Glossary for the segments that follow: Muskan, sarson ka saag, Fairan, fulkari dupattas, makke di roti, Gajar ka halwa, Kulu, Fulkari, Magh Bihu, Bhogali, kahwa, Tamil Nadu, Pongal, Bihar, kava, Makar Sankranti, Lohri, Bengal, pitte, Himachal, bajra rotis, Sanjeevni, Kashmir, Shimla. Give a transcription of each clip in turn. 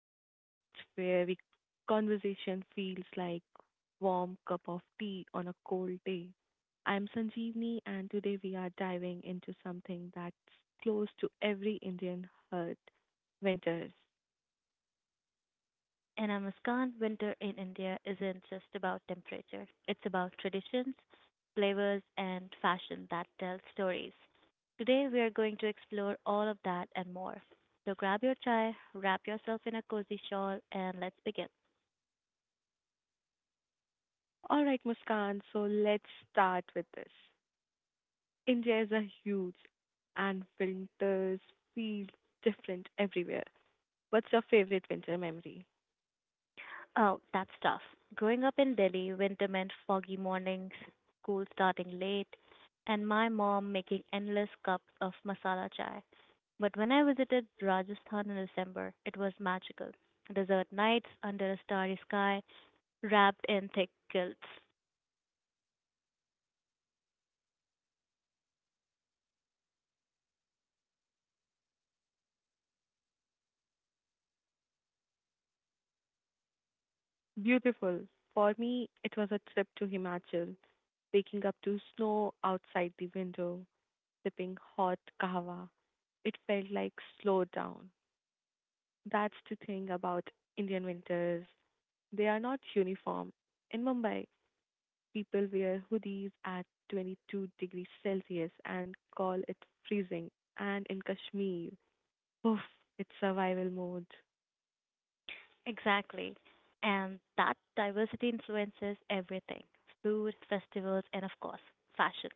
podcast where we conversation feels like warm cup of tea on a cold day. I'm Sanjeevni and today we are diving into something that's close to every Indian heart, winters. And I Muskan, winter in India isn't just about temperature. It's about traditions, flavors, and fashion that tell stories. Today, we are going to explore all of that and more. So grab your chai, wrap yourself in a cozy shawl, and let's begin. All right, Muskan, so let's start with this. India is a huge and winters feel different everywhere. What's your favorite winter memory? Oh, that's tough. Growing up in Delhi, winter meant foggy mornings, school starting late, and my mom making endless cups of masala chai. But when I visited Rajasthan in December, it was magical. Desert nights under a starry sky, wrapped in thick quilts. Beautiful. For me, it was a trip to Himachal, waking up to snow outside the window, sipping hot kahwa. It felt like slow down. That's the thing about Indian winters. They are not uniform. In Mumbai, people wear hoodies at 22 degrees Celsius and call it freezing. And in Kashmir, poof, it's survival mode. Exactly. And that diversity influences everything food, festivals, and of course, fashion.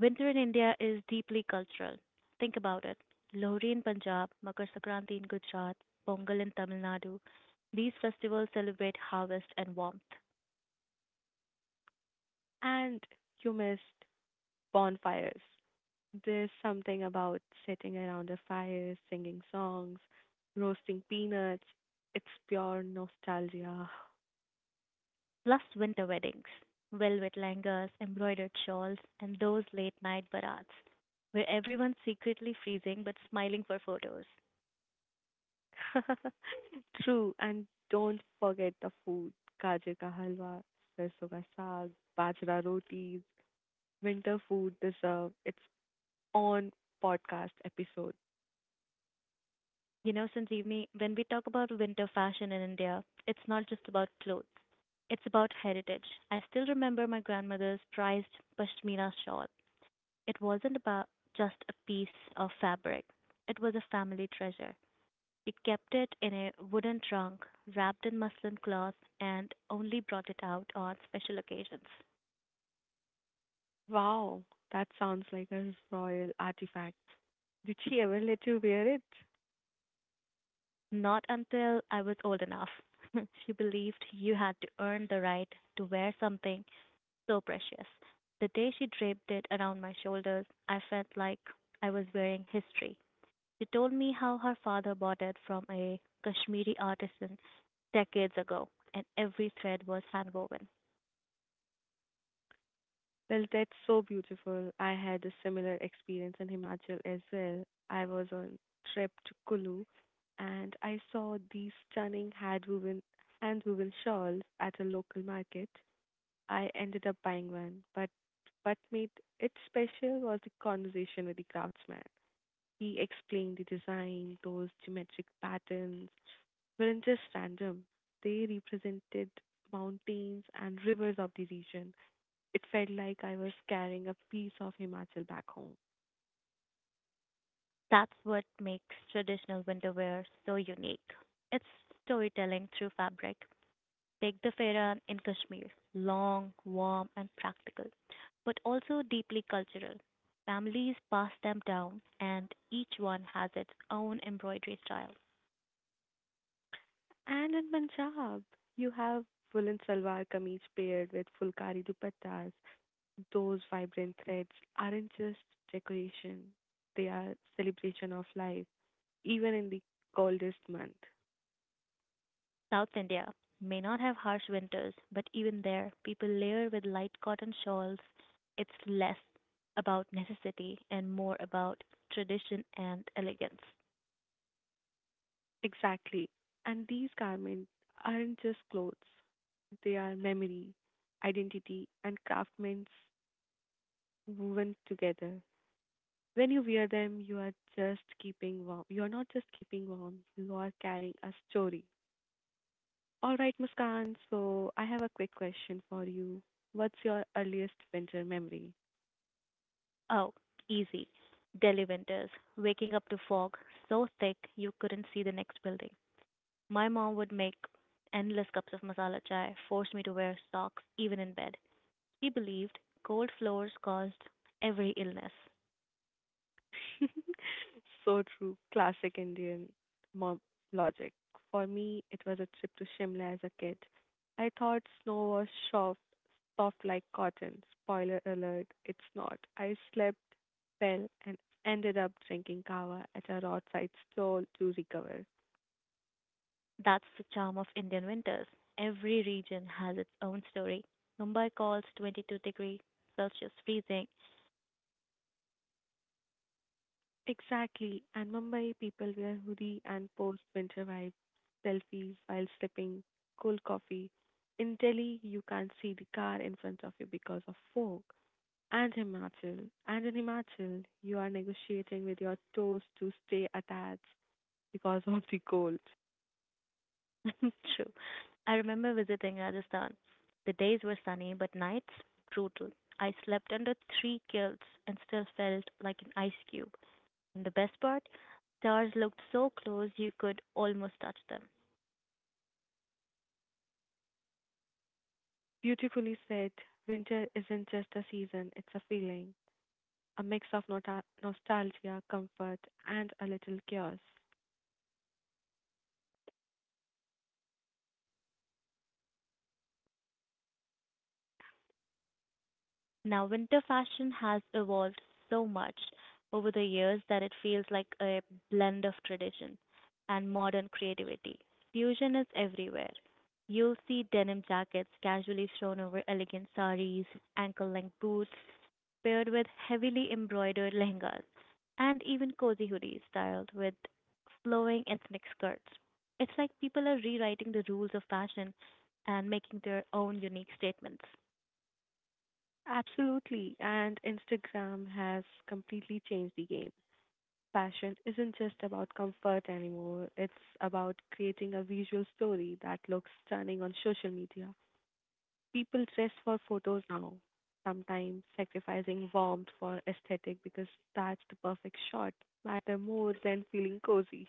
Winter in India is deeply cultural. Think about it. Lohri in Punjab, Makar Sankranti in Gujarat, Pongal in Tamil Nadu. These festivals celebrate harvest and warmth, And you missed bonfires. There's something about sitting around a fire, singing songs, roasting peanuts. It's pure nostalgia. plus winter weddings, velvet langas, embroidered shawls, and those late night barats, where everyone's secretly freezing but smiling for photos. True, and don't forget the food. Gajar ka halwa, sarson ka saag, bajra rotis, winter food deserve its own podcast episode. You know, Sanjeevni, when we talk about winter fashion in India, it's not just about clothes. It's about heritage. I still remember my grandmother's prized pashmina shawl. It wasn't about just a piece of fabric. It was a family treasure. We kept it in a wooden trunk, wrapped in muslin cloth, and only brought it out on special occasions. Wow, that sounds like a royal artifact. Did she ever let you wear it? Not until I was old enough. She believed you had to earn the right to wear something so precious. The day she draped it around my shoulders, I felt like I was wearing history. She told me how her father bought it from a Kashmiri artisan decades ago, and every thread was handwoven. Well, that's so beautiful. I had a similar experience in Himachal as well. I was on trip to Kulu and I saw these stunning hand woven shawls at a local market. I ended up buying one, but what made it special was the conversation with the craftsman. He explained the design, those geometric patterns weren't just random. They represented mountains and rivers of the region. It felt like I was carrying a piece of Himachal back home. That's what makes traditional winter wear so unique. It's storytelling through fabric. Take the Fairan in Kashmir, long, warm, and practical, but also deeply cultural. Families pass them down, and each one has its own embroidery style. And in Punjab, you have woolen salwar kameez paired with fulkari dupattas. Those vibrant threads aren't just decoration, they are celebration of life, even in the coldest month. South India may not have harsh winters, but even there, people layer with light cotton shawls. It's less about necessity and more about tradition and elegance. Exactly. And these garments aren't just clothes, they are memory, identity, and craftsmen woven together. When you wear them, you are just keeping warm. You are not just keeping warm, you are carrying a story. All right, Muskan, so I have a quick question for you. What's your earliest winter memory? Oh, easy. Delhi winters, waking up to fog so thick you couldn't see the next building. My mom would make endless cups of masala chai, force me to wear socks even in bed. She believed cold floors caused every illness. So true. Classic Indian mob logic. For me, it was a trip to Shimla as a kid. I thought snow was soft, soft like cotton. Spoiler alert, it's not. I slept well and ended up drinking kava at a roadside stall to recover. That's the charm of Indian winters. Every region has its own story. Mumbai calls 22-degree Celsius freezing. Exactly. And Mumbai people wear hoodie and post winter vibe, selfies while sipping cold coffee. In Delhi, you can't see the car in front of you because of fog. And Himachal. And in Himachal, you are negotiating with your toes to stay attached because of the cold. True. I remember visiting Rajasthan. The days were sunny, but nights brutal. I slept under three kilts and still felt like an ice cube. And the best part, stars looked so close you could almost touch them. Beautifully said, winter isn't just a season, it's a feeling, a mix of nostalgia, comfort, and a little chaos. Now, winter fashion has evolved so much over the years that it feels like a blend of tradition and modern creativity. Fusion is everywhere. You'll see denim jackets casually thrown over elegant saris, ankle length boots, paired with heavily embroidered lehengas, and even cozy hoodies styled with flowing ethnic skirts. It's like people are rewriting the rules of fashion and making their own unique statements. Absolutely. And Instagram has completely changed the game. Fashion isn't just about comfort anymore, it's about creating a visual story that looks stunning on social media. People dress for photos now, sometimes sacrificing warmth for aesthetic because that's the perfect shot, matter more than feeling cozy.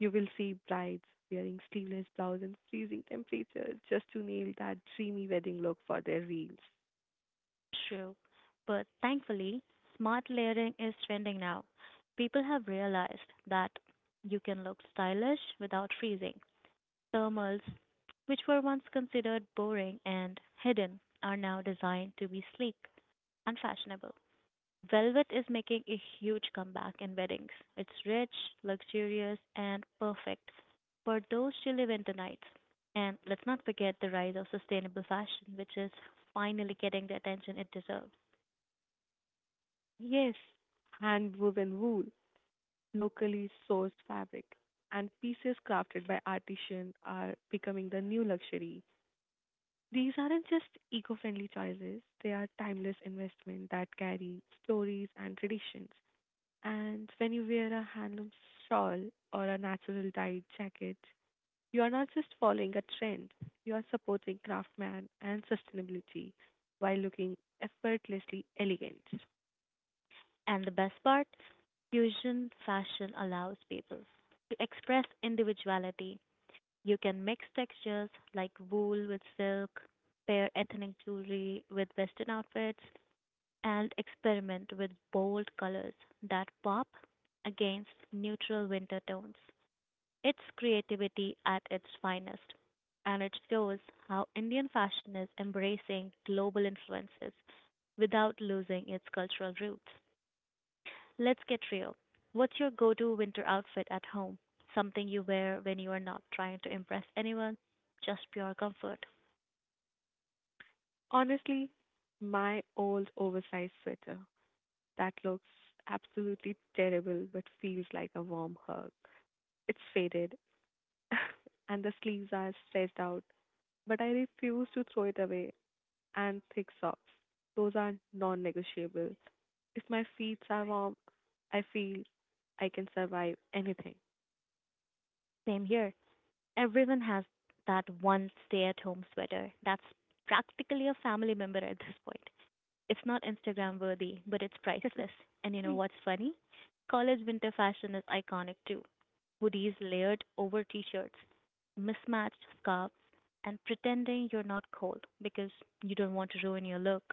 You will see brides wearing sleeveless blouse in freezing temperatures just to nail that dreamy wedding look for their reels. True, but thankfully, smart layering is trending now. People have realized that you can look stylish without freezing. Thermals, which were once considered boring and hidden, are now designed to be sleek and fashionable. Velvet is making a huge comeback in weddings. It's rich, luxurious, and perfect for those chilly winter nights. And let's not forget the rise of sustainable fashion, which is finally getting the attention it deserves. Yes, hand woven wool, locally sourced fabric, and pieces crafted by artisans are becoming the new luxury. These aren't just eco friendly choices, they are timeless investments that carry stories and traditions. And when you wear a handloom shawl or a natural dyed jacket, you are not just following a trend, you are supporting craftsman and sustainability while looking effortlessly elegant. And the best part, fusion fashion allows people to express individuality. You can mix textures like wool with silk, pair ethnic jewelry with Western outfits, and experiment with bold colors that pop against neutral winter tones. It's creativity at its finest, and it shows how Indian fashion is embracing global influences without losing its cultural roots. Let's get real. What's your go to winter outfit at home? Something you wear when you are not trying to impress anyone, just pure comfort. Honestly, my old oversized sweater that looks absolutely terrible but feels like a warm hug. It's faded and the sleeves are stretched out, but I refuse to throw it away, and thick socks. Those are non negotiable. If my feet are warm, I feel I can survive anything. Same here. Everyone has that one stay at home sweater that's practically a family member at this point. It's not Instagram worthy, but it's priceless. And you know what's funny? College winter fashion is iconic too. Hoodies layered over t shirts, mismatched scarves, and pretending you're not cold because you don't want to ruin your look.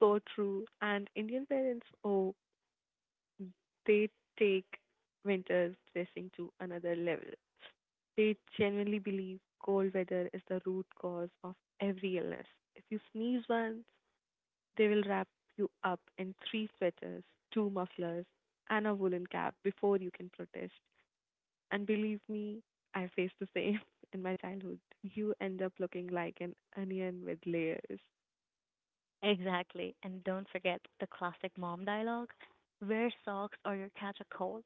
So true. And Indian parents, oh, they take winter dressing to another level. They genuinely believe cold weather is the root cause of every illness. If you sneeze once, they will wrap you up in three sweaters, two mufflers, and a woolen cap before you can protest. And believe me, I faced the same in my childhood. You end up looking like an onion with layers. Exactly. And don't forget the classic mom dialogue wear socks or you'll catch a cold.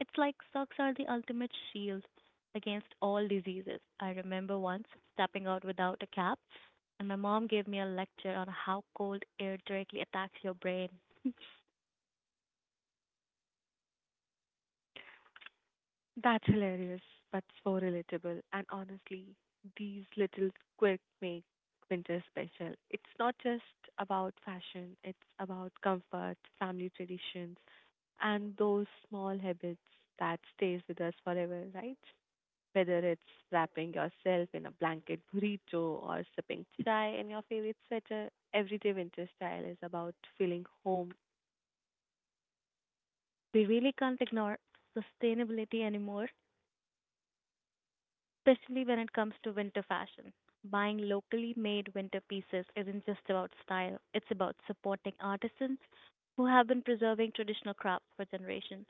It's like socks are the ultimate shield against all diseases. I remember once stepping out without a cap, and my mom gave me a lecture on how cold air directly attacks your brain. That's hilarious, but so relatable. And honestly, these little quirks make winter special. It's not just about fashion, it's about comfort, family traditions, and those small habits that stays with us forever, right? Whether it's wrapping yourself in a blanket burrito or sipping chai in your favorite sweater, everyday winter style is about feeling home. We really can't ignore sustainability anymore, especially when it comes to winter fashion. Buying locally made winter pieces isn't just about style, it's about supporting artisans who have been preserving traditional crafts for generations.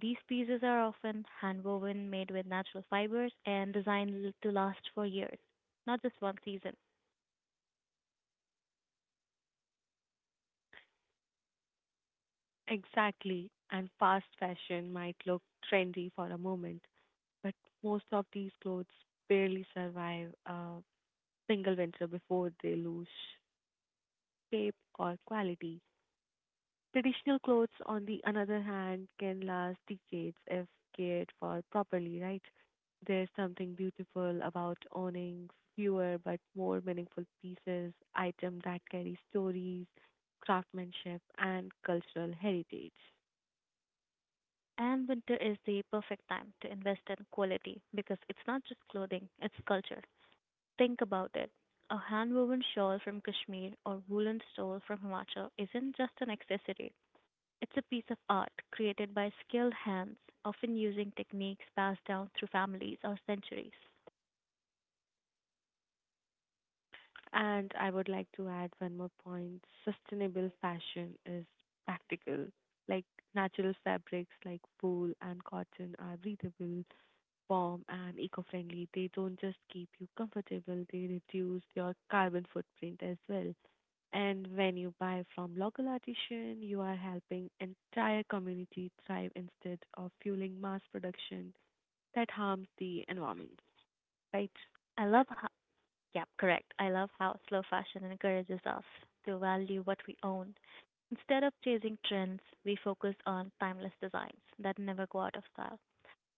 These pieces are often hand woven, made with natural fibers, and designed to last for years, not just one season. Exactly. And fast fashion might look trendy for a moment, but most of these clothes barely survive a single winter before they lose shape or quality. Traditional clothes, on the another hand, can last decades if cared for properly, right? There's something beautiful about owning fewer but more meaningful pieces, item that carry stories, craftsmanship, and cultural heritage. And winter is the perfect time to invest in quality because it's not just clothing, it's culture. Think about it. A hand-woven shawl from Kashmir or woolen stole from Himachal isn't just an accessory. It's a piece of art created by skilled hands, often using techniques passed down through families or centuries. And I would like to add one more point. Sustainable fashion is practical. Like natural fabrics like wool and cotton are breathable, warm, and eco-friendly. They don't just keep you comfortable, they reduce your carbon footprint as well. And when you buy from local artisan, you are helping entire community thrive instead of fueling mass production that harms the environment, right? I love how, yeah, correct. I love how slow fashion encourages us to value what we own. Instead of chasing trends, we focus on timeless designs that never go out of style.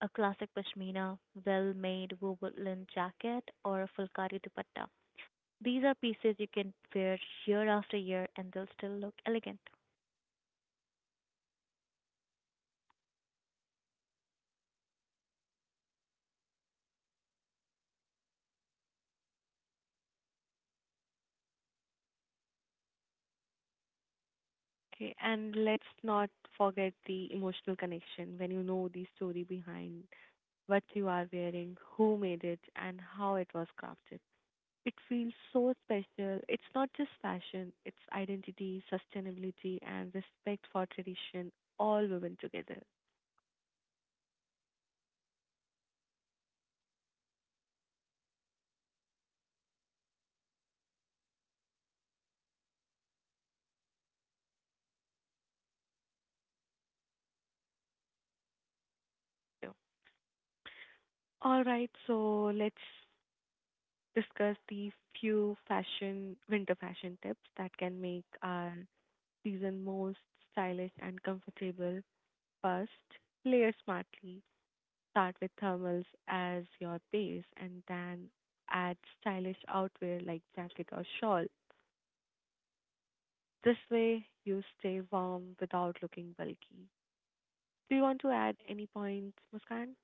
A classic pashmina, well-made woolen jacket, or a Fulkari dupatta. These are pieces you can wear year after year and they'll still look elegant. Okay, and let's not forget the emotional connection when you know the story behind what you are wearing, who made it, and how it was crafted. It feels so special. It's not just fashion, it's identity, sustainability, and respect for tradition all woven together. So, all right, so let's discuss the few fashion, winter fashion tips that can make our season most stylish and comfortable. First, layer smartly. Start with thermals as your base and then add stylish outwear like jacket or shawl. This way, you stay warm without looking bulky. Do you want to add any points, Muskan?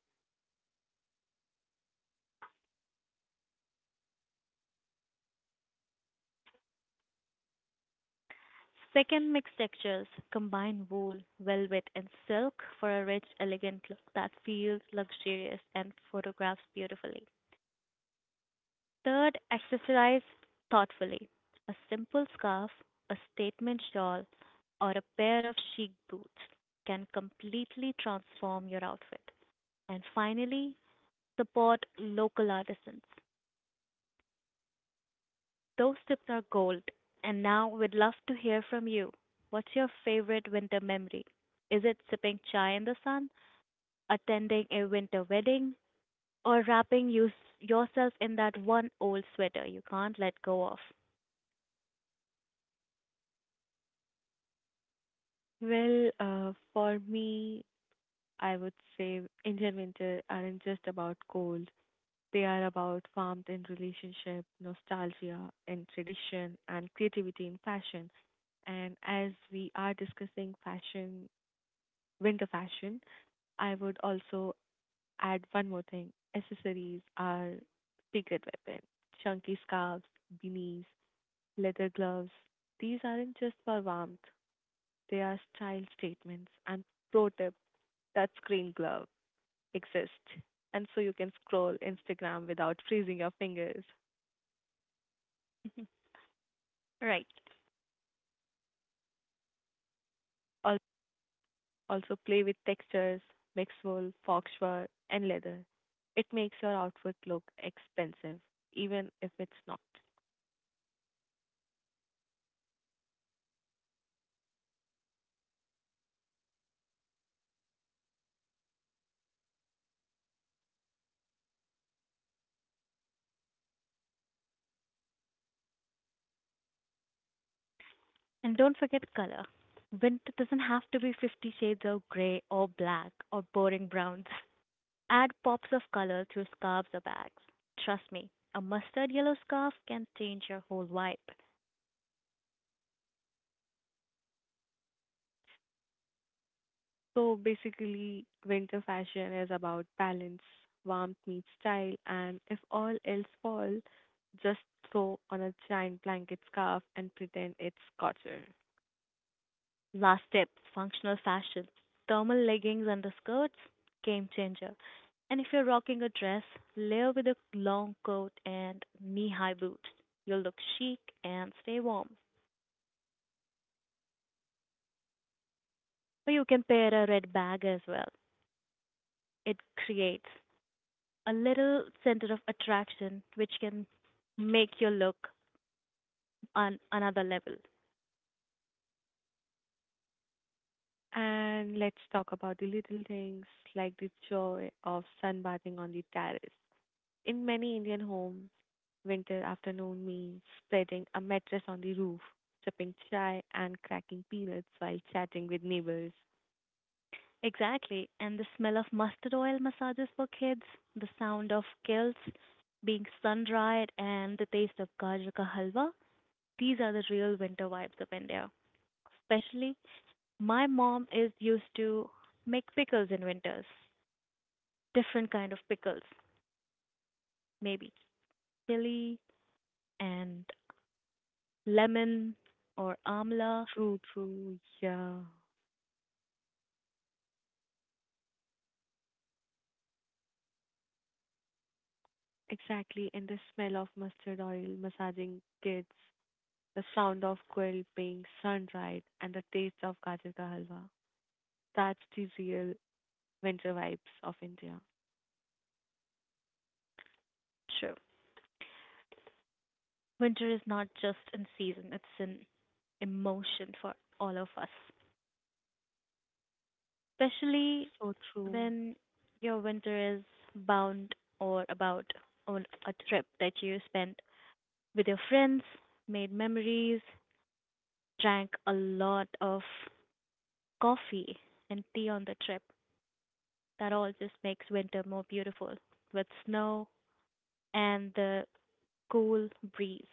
Second, mix textures. Combine wool, velvet, and silk for a rich, elegant look that feels luxurious and photographs beautifully. Third, accessorize thoughtfully. A simple scarf, a statement shawl, or a pair of chic boots can completely transform your outfit. And finally, support local artisans. Those tips are gold. And now we'd love to hear from you. What's your favorite winter memory? Is it sipping chai in the sun, attending a winter wedding, or yourself in that one old sweater you can't let go of? Well, for me, I would say Indian winter aren't just about cold. They are about warmth in relationship, nostalgia in tradition, and creativity in fashion. And as we are discussing fashion, winter fashion, I would also add one more thing. Accessories are secret weapon. Chunky scarves, beanies, leather gloves. These aren't just for warmth, they are style statements. And pro tip touchscreen glove exists. And so you can scroll Instagram without freezing your fingers. Right. Al- Also, play with textures, mix wool, foxfur, and leather. It makes your outfit look expensive, even if it's not. And don't forget color. Winter doesn't have to be 50 shades of gray or black or boring browns. Add pops of color through scarves or bags. Trust me, a mustard yellow scarf can change your whole vibe. So basically, winter fashion is about balance, warmth meets style, and if all else fall, just throw on a giant blanket scarf and pretend it's cotton. Last tip functional fashion. Thermal leggings under skirts, game changer. And if you're rocking a dress, layer with a long coat and knee high boots. You'll look chic and stay warm. Or you can pair a red bag as well. It creates a little center of attraction which can make your look on another level. And let's talk about the little things like the joy of sunbathing on the terrace. In many Indian homes, winter afternoon means spreading a mattress on the roof, sipping chai, and cracking peanuts while chatting with neighbors. Exactly. And the smell of mustard oil massages for kids, the sound of kilts being sun dried, and the taste of gajar ka halwa. These are the real winter vibes of India. Especially, my mom is used to make pickles in winters. Different kind of pickles, maybe chili and lemon or amla. True, true, yeah. Exactly, and the smell of mustard oil massaging kids, the sound of gulping sunrise, and the taste of gajar ka halwa. That's the real winter vibes of India. True. Winter is not just in season; it's an emotion for all of us. Especially So true. when your winter is bound or about on a trip that you spent with your friends, made memories, drank a lot of coffee and tea on the trip. That all just makes winter more beautiful with snow and the cool breeze.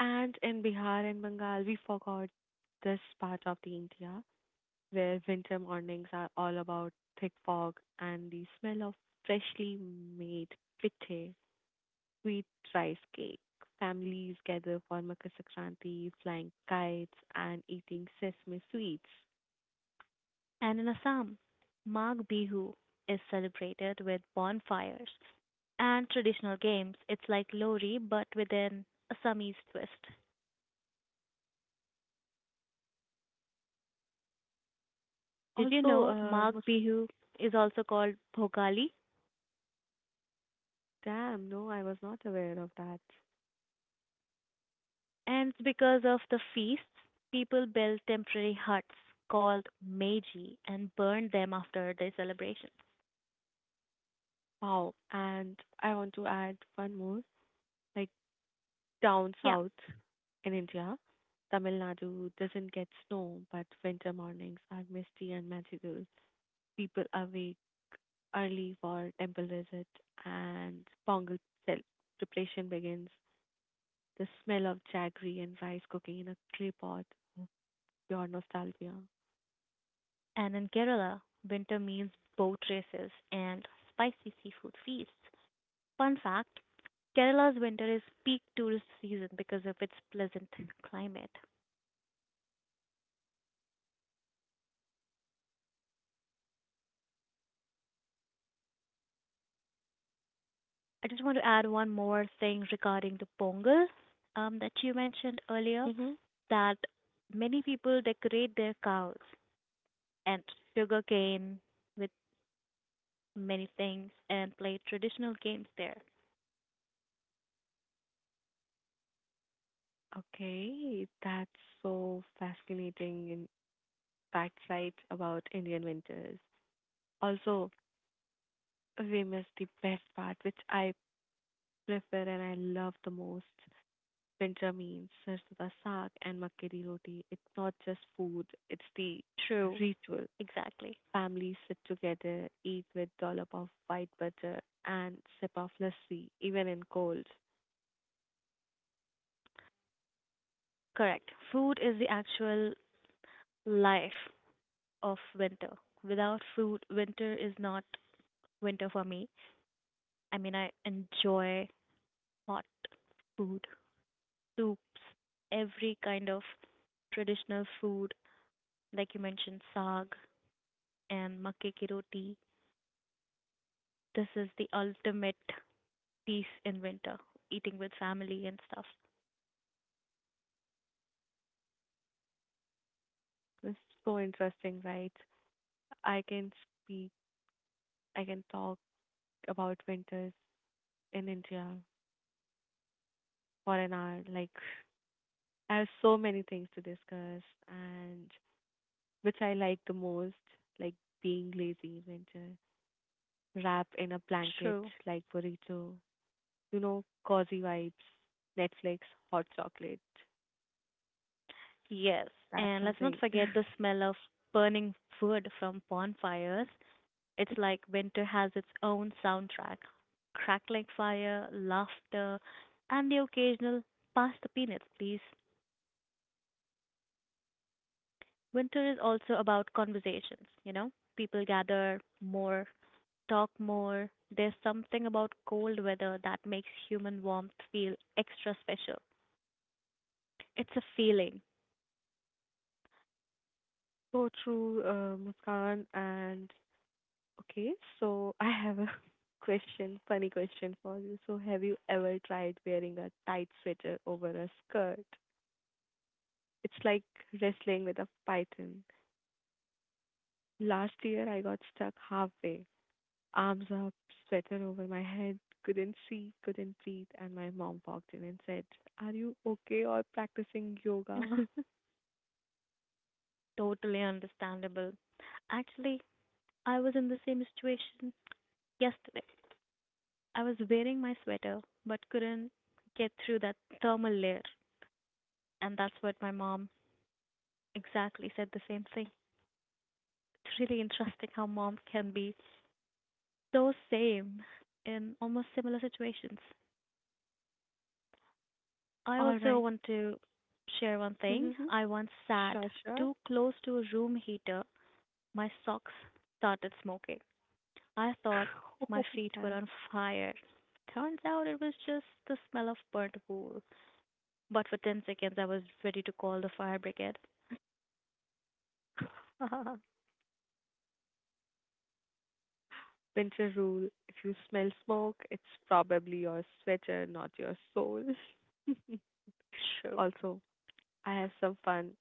And in Bihar and Bengal, we forgot this part of the India where winter mornings are all about thick fog and the smell of freshly made pitte sweet rice cake. Families gather for Makar Sankranti, flying kites, and eating sesame sweets. And in Assam, Magh Bihu is celebrated with bonfires and traditional games. It's like Lori but with an Assamese twist. Did you Also, know Magh Bihu is also called Bhogali? damn, no, I was not aware of that. And it's because of the feasts, people build temporary huts called meji and burn them after the celebrations. Wow. And I want to add one more. Like down Yeah, south in India, Tamil Nadu doesn't get snow, but winter mornings are misty and magical. People awake early for temple visit and Pongal cel- preparation begins. The smell of jaggery and rice cooking in a clay pot, pure nostalgia. and in Kerala, winter means boat races and spicy seafood feasts. Fun fact Kerala's winter is peak tourist season because of its pleasant climate. I just want to add one more thing regarding the Pongal that you mentioned earlier, Mm-hmm. that many people decorate their cows and sugarcane with many things and play traditional games there. Okay, that's so fascinating in fact, right, about Indian winters. Also, we miss the best part, which I prefer and I love the most. Winter means sarson ka saag and makke di roti. It's not just food, it's the True, ritual. exactly. Families sit together, eat with dollop of white butter and sip of lassi, even in cold. Correct. Food is the actual life of winter. Without food, winter is not winter for me. I mean, I enjoy hot food, soups, every kind of traditional food like you mentioned, saag and makke ki roti. This is the ultimate piece in winter, eating with family and stuff. This is so interesting, right? I can speak, I can talk about winters in India for an hour. Like, I have so many things to discuss, and which I like the most, like being lazy in winter, wrap in a blanket True. like burrito, you know, cozy vibes, Netflix, hot chocolate. Yes. That's And let's not something. forget the smell of burning wood from bonfires. It's like winter has its own soundtrack crackling fire, laughter, and the occasional pass the peanuts, please. Winter is also about conversations, you know? People gather more talk more. There's something about cold weather that makes human warmth feel extra special. It's a feeling. So true, Muskan, and okay, so I have a question, funny question for you. So, have you ever tried wearing a tight sweater over a skirt? It's like wrestling with a python. Last year, I got stuck halfway, arms up, sweater over my head, couldn't see, couldn't breathe, and my mom walked in and said, are you okay or practicing yoga? Totally understandable. Actually, I was in the same situation yesterday. I was wearing my sweater but couldn't get through that thermal layer. And that's what my mom exactly said the same thing. It's really interesting how mom can be so same in almost similar situations. I All also right. want to share one thing. I once sat Sure, sure. too close to a room heater. My socks started smoking. I thought my Oh, feet were damn. on fire. Turns out it was just the smell of burnt wool. But for 10 seconds, I was ready to call the fire brigade. Winter rule, if you smell smoke, it's probably your sweater, not your soul. True. Also, I have some fun,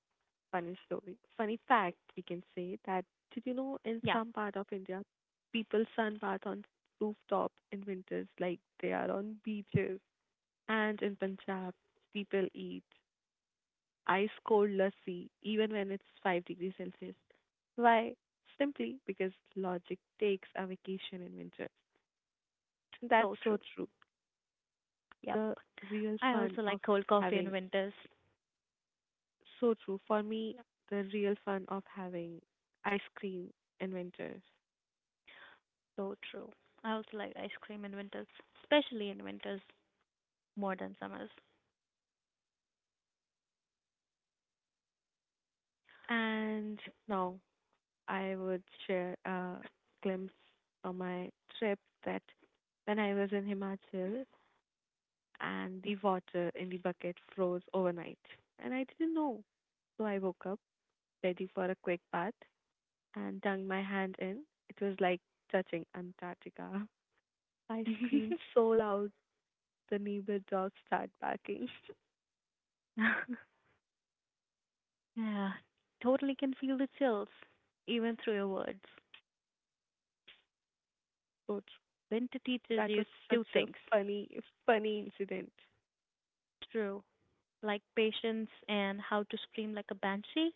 funny story. Funny fact, we can say that did you know in Yeah, some part of India, people sunbath on rooftop in winters like they are on beaches. And in Punjab, people eat ice cold lassi even when it's 5 degrees Celsius. Why? Simply because logic takes a vacation in winter. That's so so true. true. Yep. The real I fun also of like cold coffee in having. winters. So true. For me, the real fun of having ice cream in winters. So true. I also like ice cream in winters, especially in winters, more than summers. And now I would share a glimpse of my trip that when I was in Himachal and the water in the bucket froze overnight. And I didn't know. So I woke up ready for a quick bath and dug my hand in. It was like touching Antarctica. I screamed so loud the neighbor dogs start barking. Yeah, totally can feel the chills, even through your words. So true. Winter teaches That you was two such a things. funny, funny incident. True, like patience and how to scream like a banshee.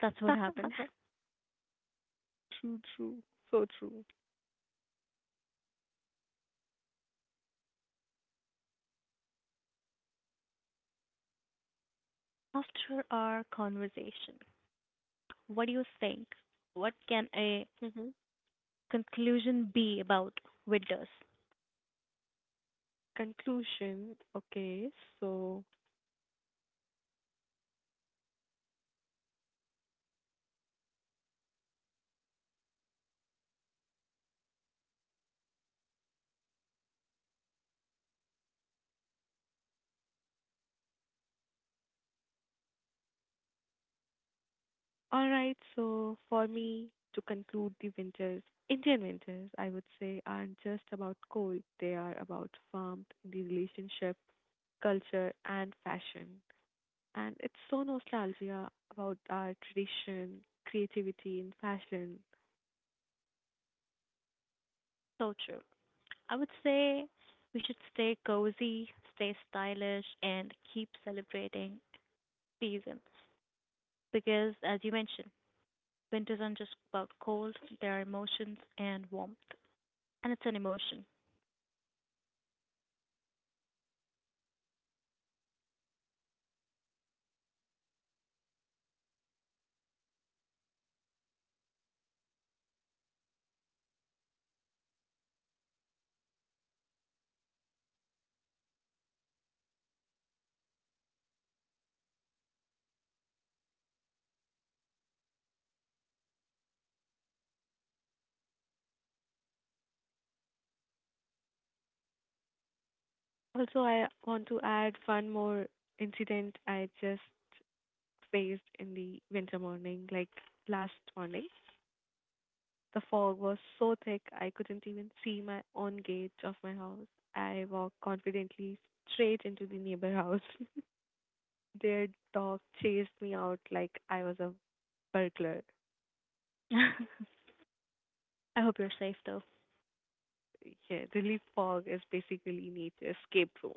That's what happened. True, true. So true. After our conversation, what do you think? What can a Hmm. conclusion be about winters? Conclusion. Okay, so, alright, so for me to conclude the winters, Indian winters, I would say, aren't just about cold, they are about warmth, the relationship, culture, and fashion. And it's so nostalgia about our tradition, creativity, and fashion. So true. I would say we should stay cozy, stay stylish, and keep celebrating seasons. Because, as you mentioned, winters aren't just about cold, there are emotions and warmth. And it's an emotion. Also, I want to add one more incident I just faced in the winter morning, like last morning. The fog was so thick I couldn't even see my own gate of my house. I walked confidently straight into the neighbor house. Their dog chased me out like I was a burglar. I hope you're safe though. Yeah, relief fog is basically nature's escape room.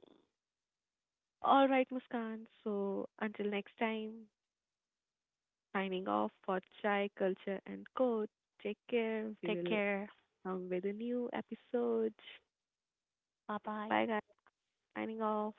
All right, Muskan. So until next time, signing off for Chai Culture and Code. Take care. We Take will care. come with a new episode. Bye bye. Bye, guys. Signing off.